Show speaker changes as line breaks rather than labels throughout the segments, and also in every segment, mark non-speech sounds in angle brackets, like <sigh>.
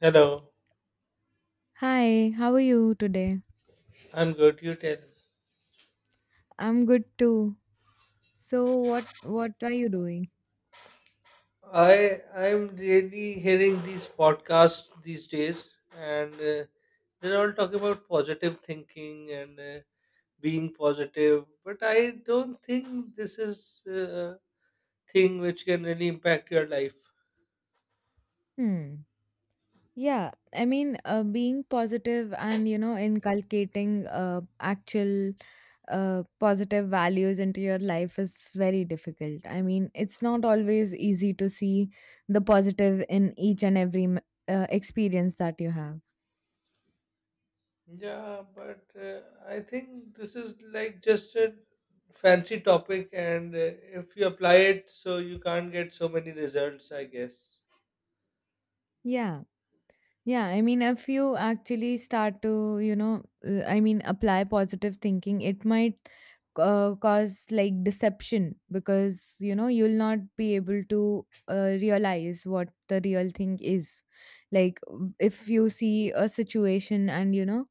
Hello,
Hi, how are you today?
I'm good. You tell.
I'm good too. So what are you doing?
I'm really hearing these podcasts these days, and they're all talking about positive thinking and being positive. But I don't think this is a thing which can really impact your life.
Hmm. Yeah, I mean, being positive and you know inculcating actual positive values into your life is very difficult. I mean, it's not always easy to see the positive in each and every experience that you have.
Yeah, but I think this is like just a fancy topic, and if you apply it, so you can't get so many results. I guess.
Yeah. Yeah, I mean, if you actually start to, you know, I mean, apply positive thinking, it might cause like deception because, you know, you'll not be able to realize what the real thing is. Like, if you see a situation and, you know,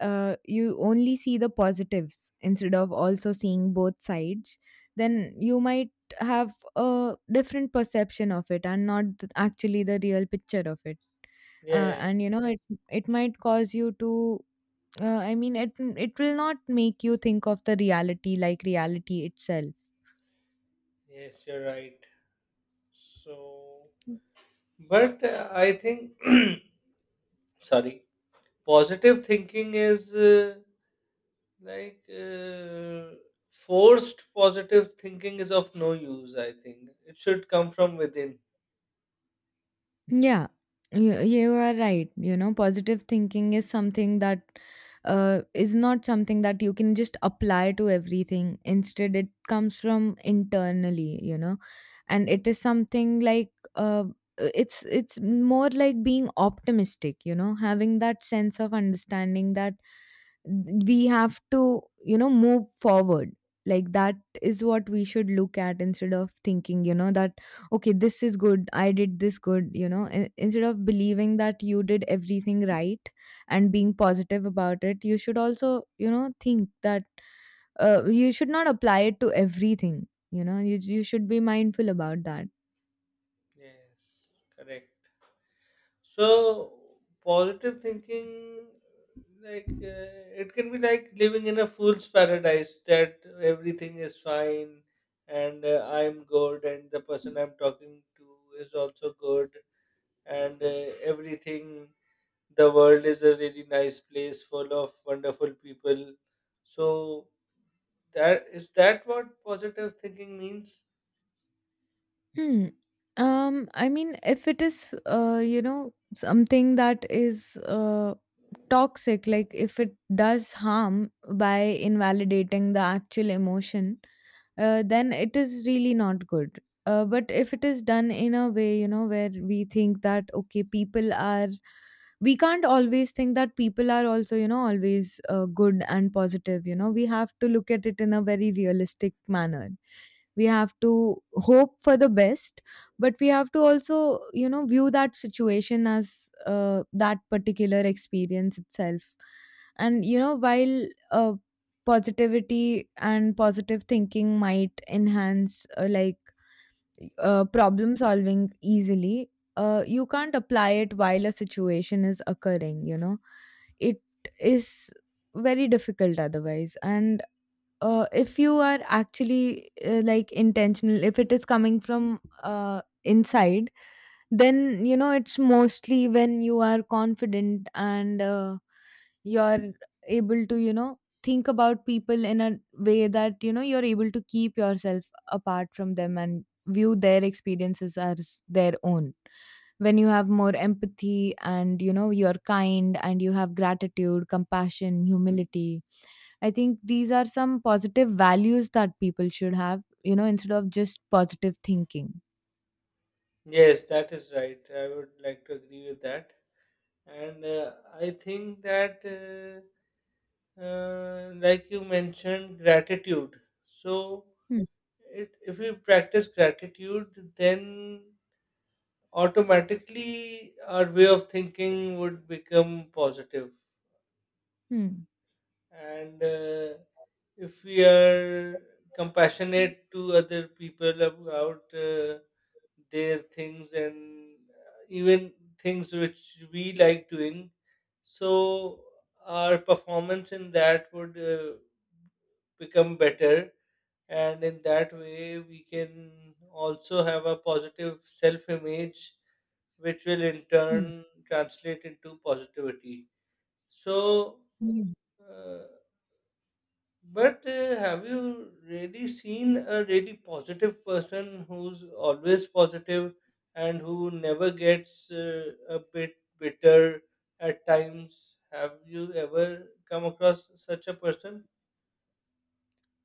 you only see the positives instead of also seeing both sides, then you might have a different perception of it and not actually the real picture of it,
Yeah.
and you know it might cause you to, I mean, it will not make you think of the reality, like reality itself.
Yes, you're right. So, but I think, <clears throat> sorry, positive thinking is like forced positive thinking is of no use, I think. It should come from within.
Yeah, you are right, you know, positive thinking is something that is not something that you can just apply to everything. Instead, it comes from internally, you know, and it is something like, uh, it's more like being optimistic, you know, having that sense of understanding that we have to, you know, move forward, like that is what we should look at, instead of thinking, you know, that okay, this is good, I did this good, you know, instead of believing that you did everything right and being positive about it. You should also, you know, think that you should not apply it to everything, you know, you should be mindful about that.
Yes, correct. So, positive thinking, like, it can be like living in a fool's paradise that everything is fine and I'm good and the person I'm talking to is also good and everything, the world is a really nice place full of wonderful people. So that is, that what positive thinking means?
Hmm. I mean, if it is you know something that is toxic, like if it does harm by invalidating the actual emotion, then it is really not good. But if it is done in a way, you know, where we think that okay, people are, we can't always think that people are also, you know, always good and positive. You know, we have to look at it in a very realistic manner. We have to hope for the best, but we have to also, you know, view that situation as that particular experience itself. And you know while, uh, positivity and positive thinking might enhance, like, problem solving easily, you can't apply it while a situation is occurring, you know. It is very difficult otherwise. And if you are actually, like, intentional, if it is coming from inside, then you know it's mostly when you are confident and, you're able to, you know, think about people in a way that you know you're able to keep yourself apart from them and view their experiences as their own. When you have more empathy and you know you're kind and you have gratitude, compassion, humility, I think these are some positive values that people should have, you know, instead of just positive thinking.
Yes, that is right. I would like to agree with that, and I think that like you mentioned gratitude. So
Hmm.
it, if we practice gratitude, then automatically our way of thinking would become positive.
Hmm.
And if we are compassionate to other people about their things, and even things which we like doing, so our performance in that would become better, and in that way we can also have a positive self image, which will in turn
Hmm.
translate into positivity. So
Hmm.
uh, but have you really seen a really positive person who's always positive and who never gets a bit bitter at times? Have you ever come across such a person?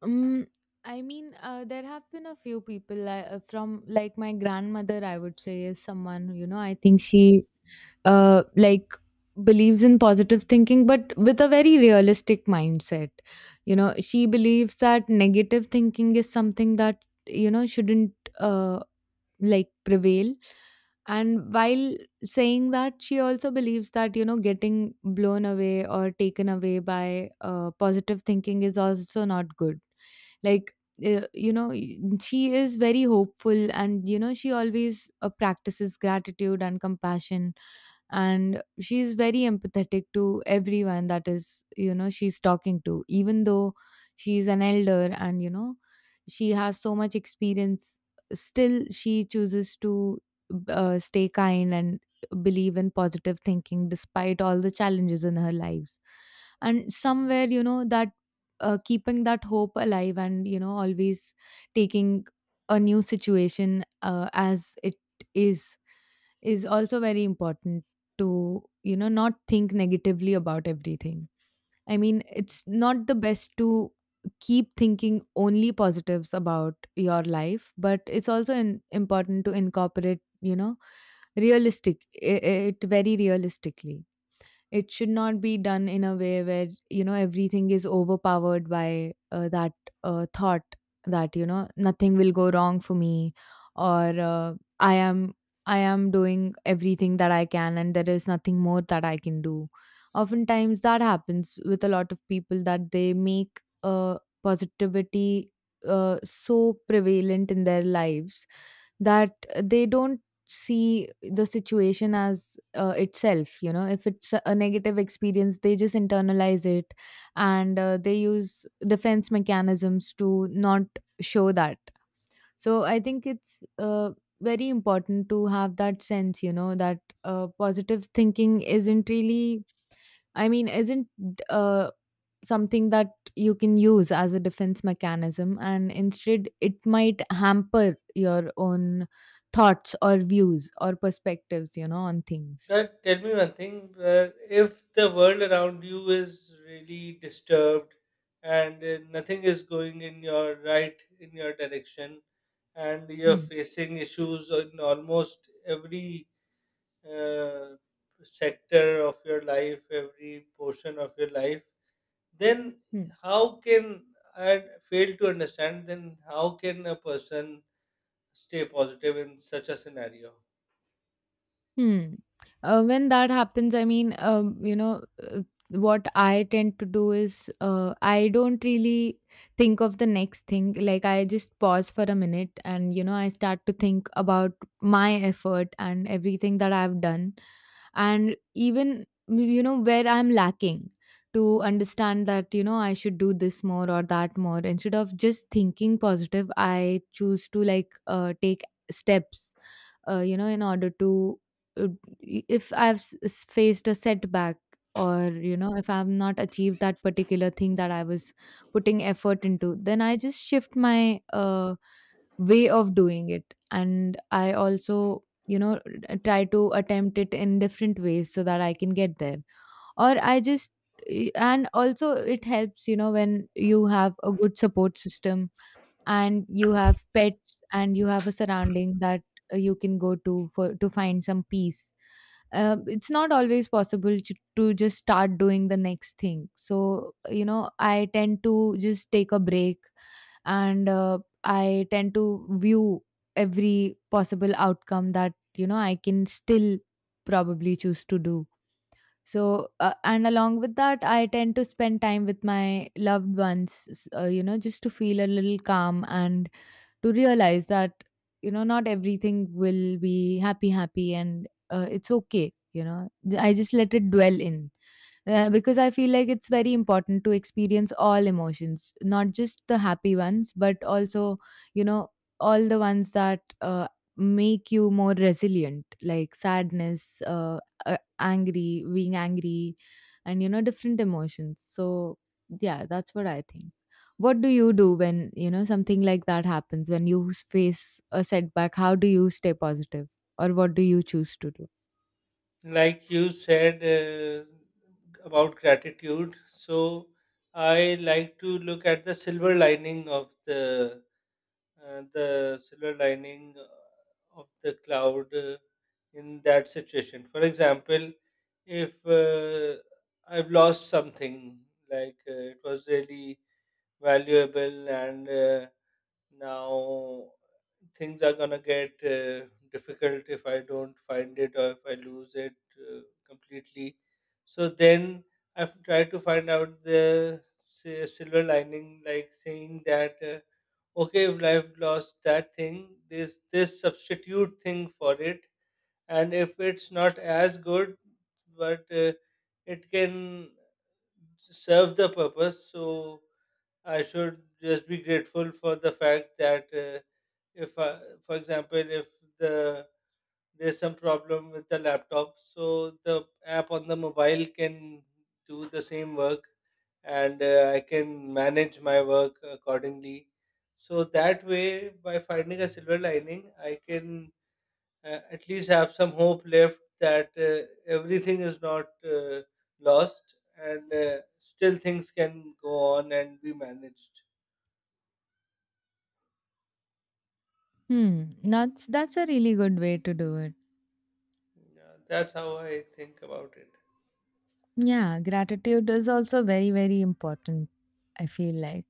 Mm, I mean, there have been a few people from, like, my grandmother, I would say, is someone who, you know, I think she, like, believes in positive thinking, but with a very realistic mindset. You know, she believes that negative thinking is something that, you know, shouldn't. Uh, like, prevail. And while saying that, she also believes that you know getting blown away or taken away by positive thinking is also not good. Like, you know, she is very hopeful, and you know she always practices gratitude and compassion, and she's very empathetic to everyone that is, you know, she's talking to. Even though she's an elder and you know she has so much experience, still she chooses to stay kind and believe in positive thinking despite all the challenges in her lives. And somewhere you know that, keeping that hope alive and you know always taking a new situation as it is is also very important, to you know not think negatively about everything. I mean, it's not the best to keep thinking only positives about your life, but it's also important to incorporate, you know, realistic, it very realistically. It should not be done in a way where, you know, everything is overpowered by that thought, that, you know, nothing will go wrong for me. Or, I am I am doing everything that I can, and there is nothing more that I can do. Oftentimes that happens with a lot of people, that they make positivity so prevalent in their lives, that they don't see the situation as itself, you know, if it's a negative experience, they just internalize it, and they use defense mechanisms to not show that. So I think it's very important to have that sense, you know, that positive thinking isn't really, I mean isn't something that you can use as a defense mechanism, and instead it might hamper your own thoughts or views or perspectives, you know, on things.
But tell me one thing, if the world around you is really disturbed and nothing is going in your right, in your direction, and you're
Hmm.
facing issues in almost every uh, sector of your life, every portion of your life, then
Hmm.
how can I fail to understand? Then how can a person stay positive in such a scenario?
Hmm. When that happens, I mean, you know, what I tend to do is, I don't really think of the next thing. Like, I just pause for a minute and you know I start to think about my effort and everything that I've done, and even you know where I'm lacking, to understand that you know I should do this more or that more. Instead of just thinking positive, I choose to, like, take steps you know in order to, uh, if I've faced a setback, or you know if I've not achieved that particular thing that I was putting effort into, then I just shift my way of doing it, and I also you know try to attempt it in different ways so that I can get there. Or I just, and also it helps you know when you have a good support system and you have pets and you have a surrounding that you can go to for to find some peace. It's not always possible to just start doing the next thing, so you know I tend to just take a break. And I tend to view every possible outcome that you know I can still probably choose to do. So, and along with that, I tend to spend time with my loved ones, you know, just to feel a little calm, and to realize that you know not everything will be happy happy and, it's okay, you know, I just let it dwell in. Because I feel like it's very important to experience all emotions, not just the happy ones, but also you know all the ones that make you more resilient. Like sadness, angry, being angry, and you know different emotions. So yeah, that's what I think. What do you do when, you know, something like that happens, when you face a setback? How do you stay positive? Or what do you choose to do?
Like you said, about gratitude, so I like to look at the silver lining of the silver lining of the cloud in that situation. For example, if I've lost something, like it was really valuable, and now things are gonna get difficult if I don't find it or if I lose it completely. So then I've tried to find out the, say, silver lining, like saying that. Okay, if I've lost that thing, there's this substitute thing for it, and if it's not as good, but it can serve the purpose. So I should just be grateful for the fact that, if I, for example, if the there's some problem with the laptop, so the app on the mobile can do the same work, and I can manage my work accordingly. So that way, by finding a silver lining, I can at least have some hope left that everything is not lost, and still things can go on and be managed.
Hmm, that's a really good way to do it.
Yeah, that's how I think about it.
Yeah, gratitude is also very very important. I feel like.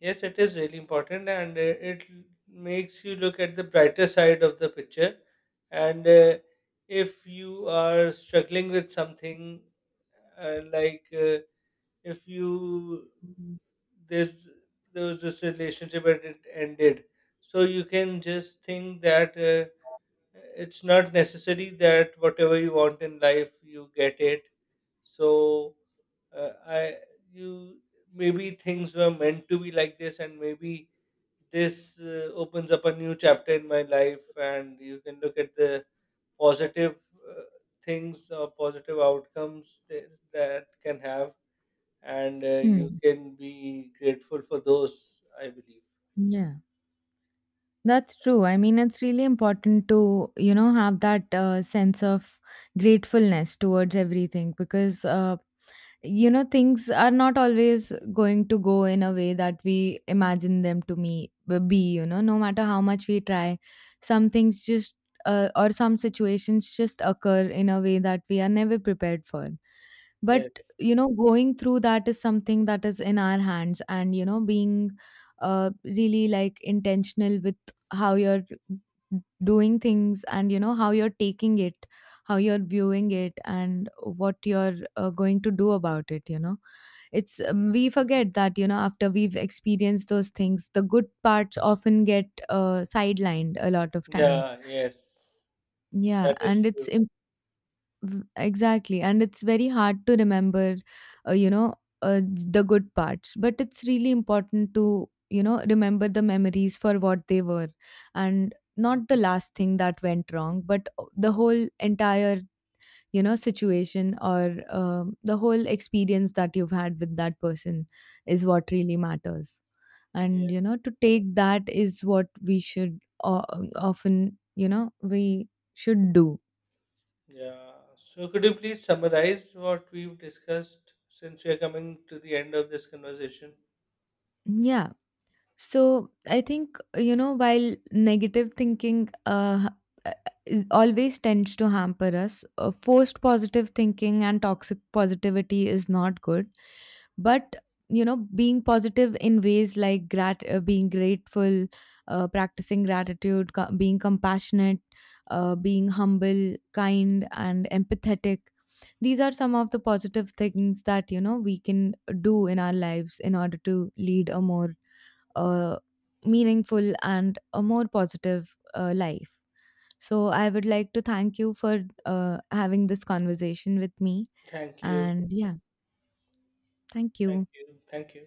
Yes, it is really important, and it makes you look at the brighter side of the picture. And if you are struggling with something, like if you there's there was this relationship and it ended, so you can just think that it's not necessary that whatever you want in life you get it. So I you maybe things were meant to be like this, and maybe this opens up a new chapter in my life, and you can look at the positive uh, things or positive outcomes that, that can have, and you
Hmm.
can be grateful for those, I believe.
Yeah, that's true. I mean, it's really important to you know have that sense of gratefulness towards everything, because you know things are not always going to go in a way that we imagine them to me be, you know. No matter how much we try, some things just, or some situations just occur in a way that we are never prepared for, but
Yes.
you know going through that is something that is in our hands. And you know being really, like, intentional with how you're doing things and you know how you're taking it, how you're viewing it, and what you're going to do about it, you know. It's, we forget that you know after we've experienced those things, the good parts often get sidelined a lot of times.
Yeah, yes.
Yeah,
That is
and
true.
exactly, and it's very hard to remember, you know, uh, the good parts, but it's really important to you know remember the memories for what they were, and not the last thing that went wrong, but the whole entire, you know, situation, or the whole experience that you've had with that person, is what really matters.
Yeah.
And you know to take that is what we should often, you know, we should do.
Yeah. So could you please summarize what we've discussed since we are coming to the end of this conversation?
Yeah, so I think you know while negative thinking h- is always tends to hamper us, forced positive thinking and toxic positivity is not good. But you know being positive in ways like being grateful, practicing gratitude, being compassionate, being humble, kind, and empathetic, these are some of the positive things that you know we can do in our lives in order to lead a more uh, meaningful and a more positive life. So I would like to thank you for having this conversation with me.
Thank you.
And yeah, thank
Thank
you.
you. Thank you.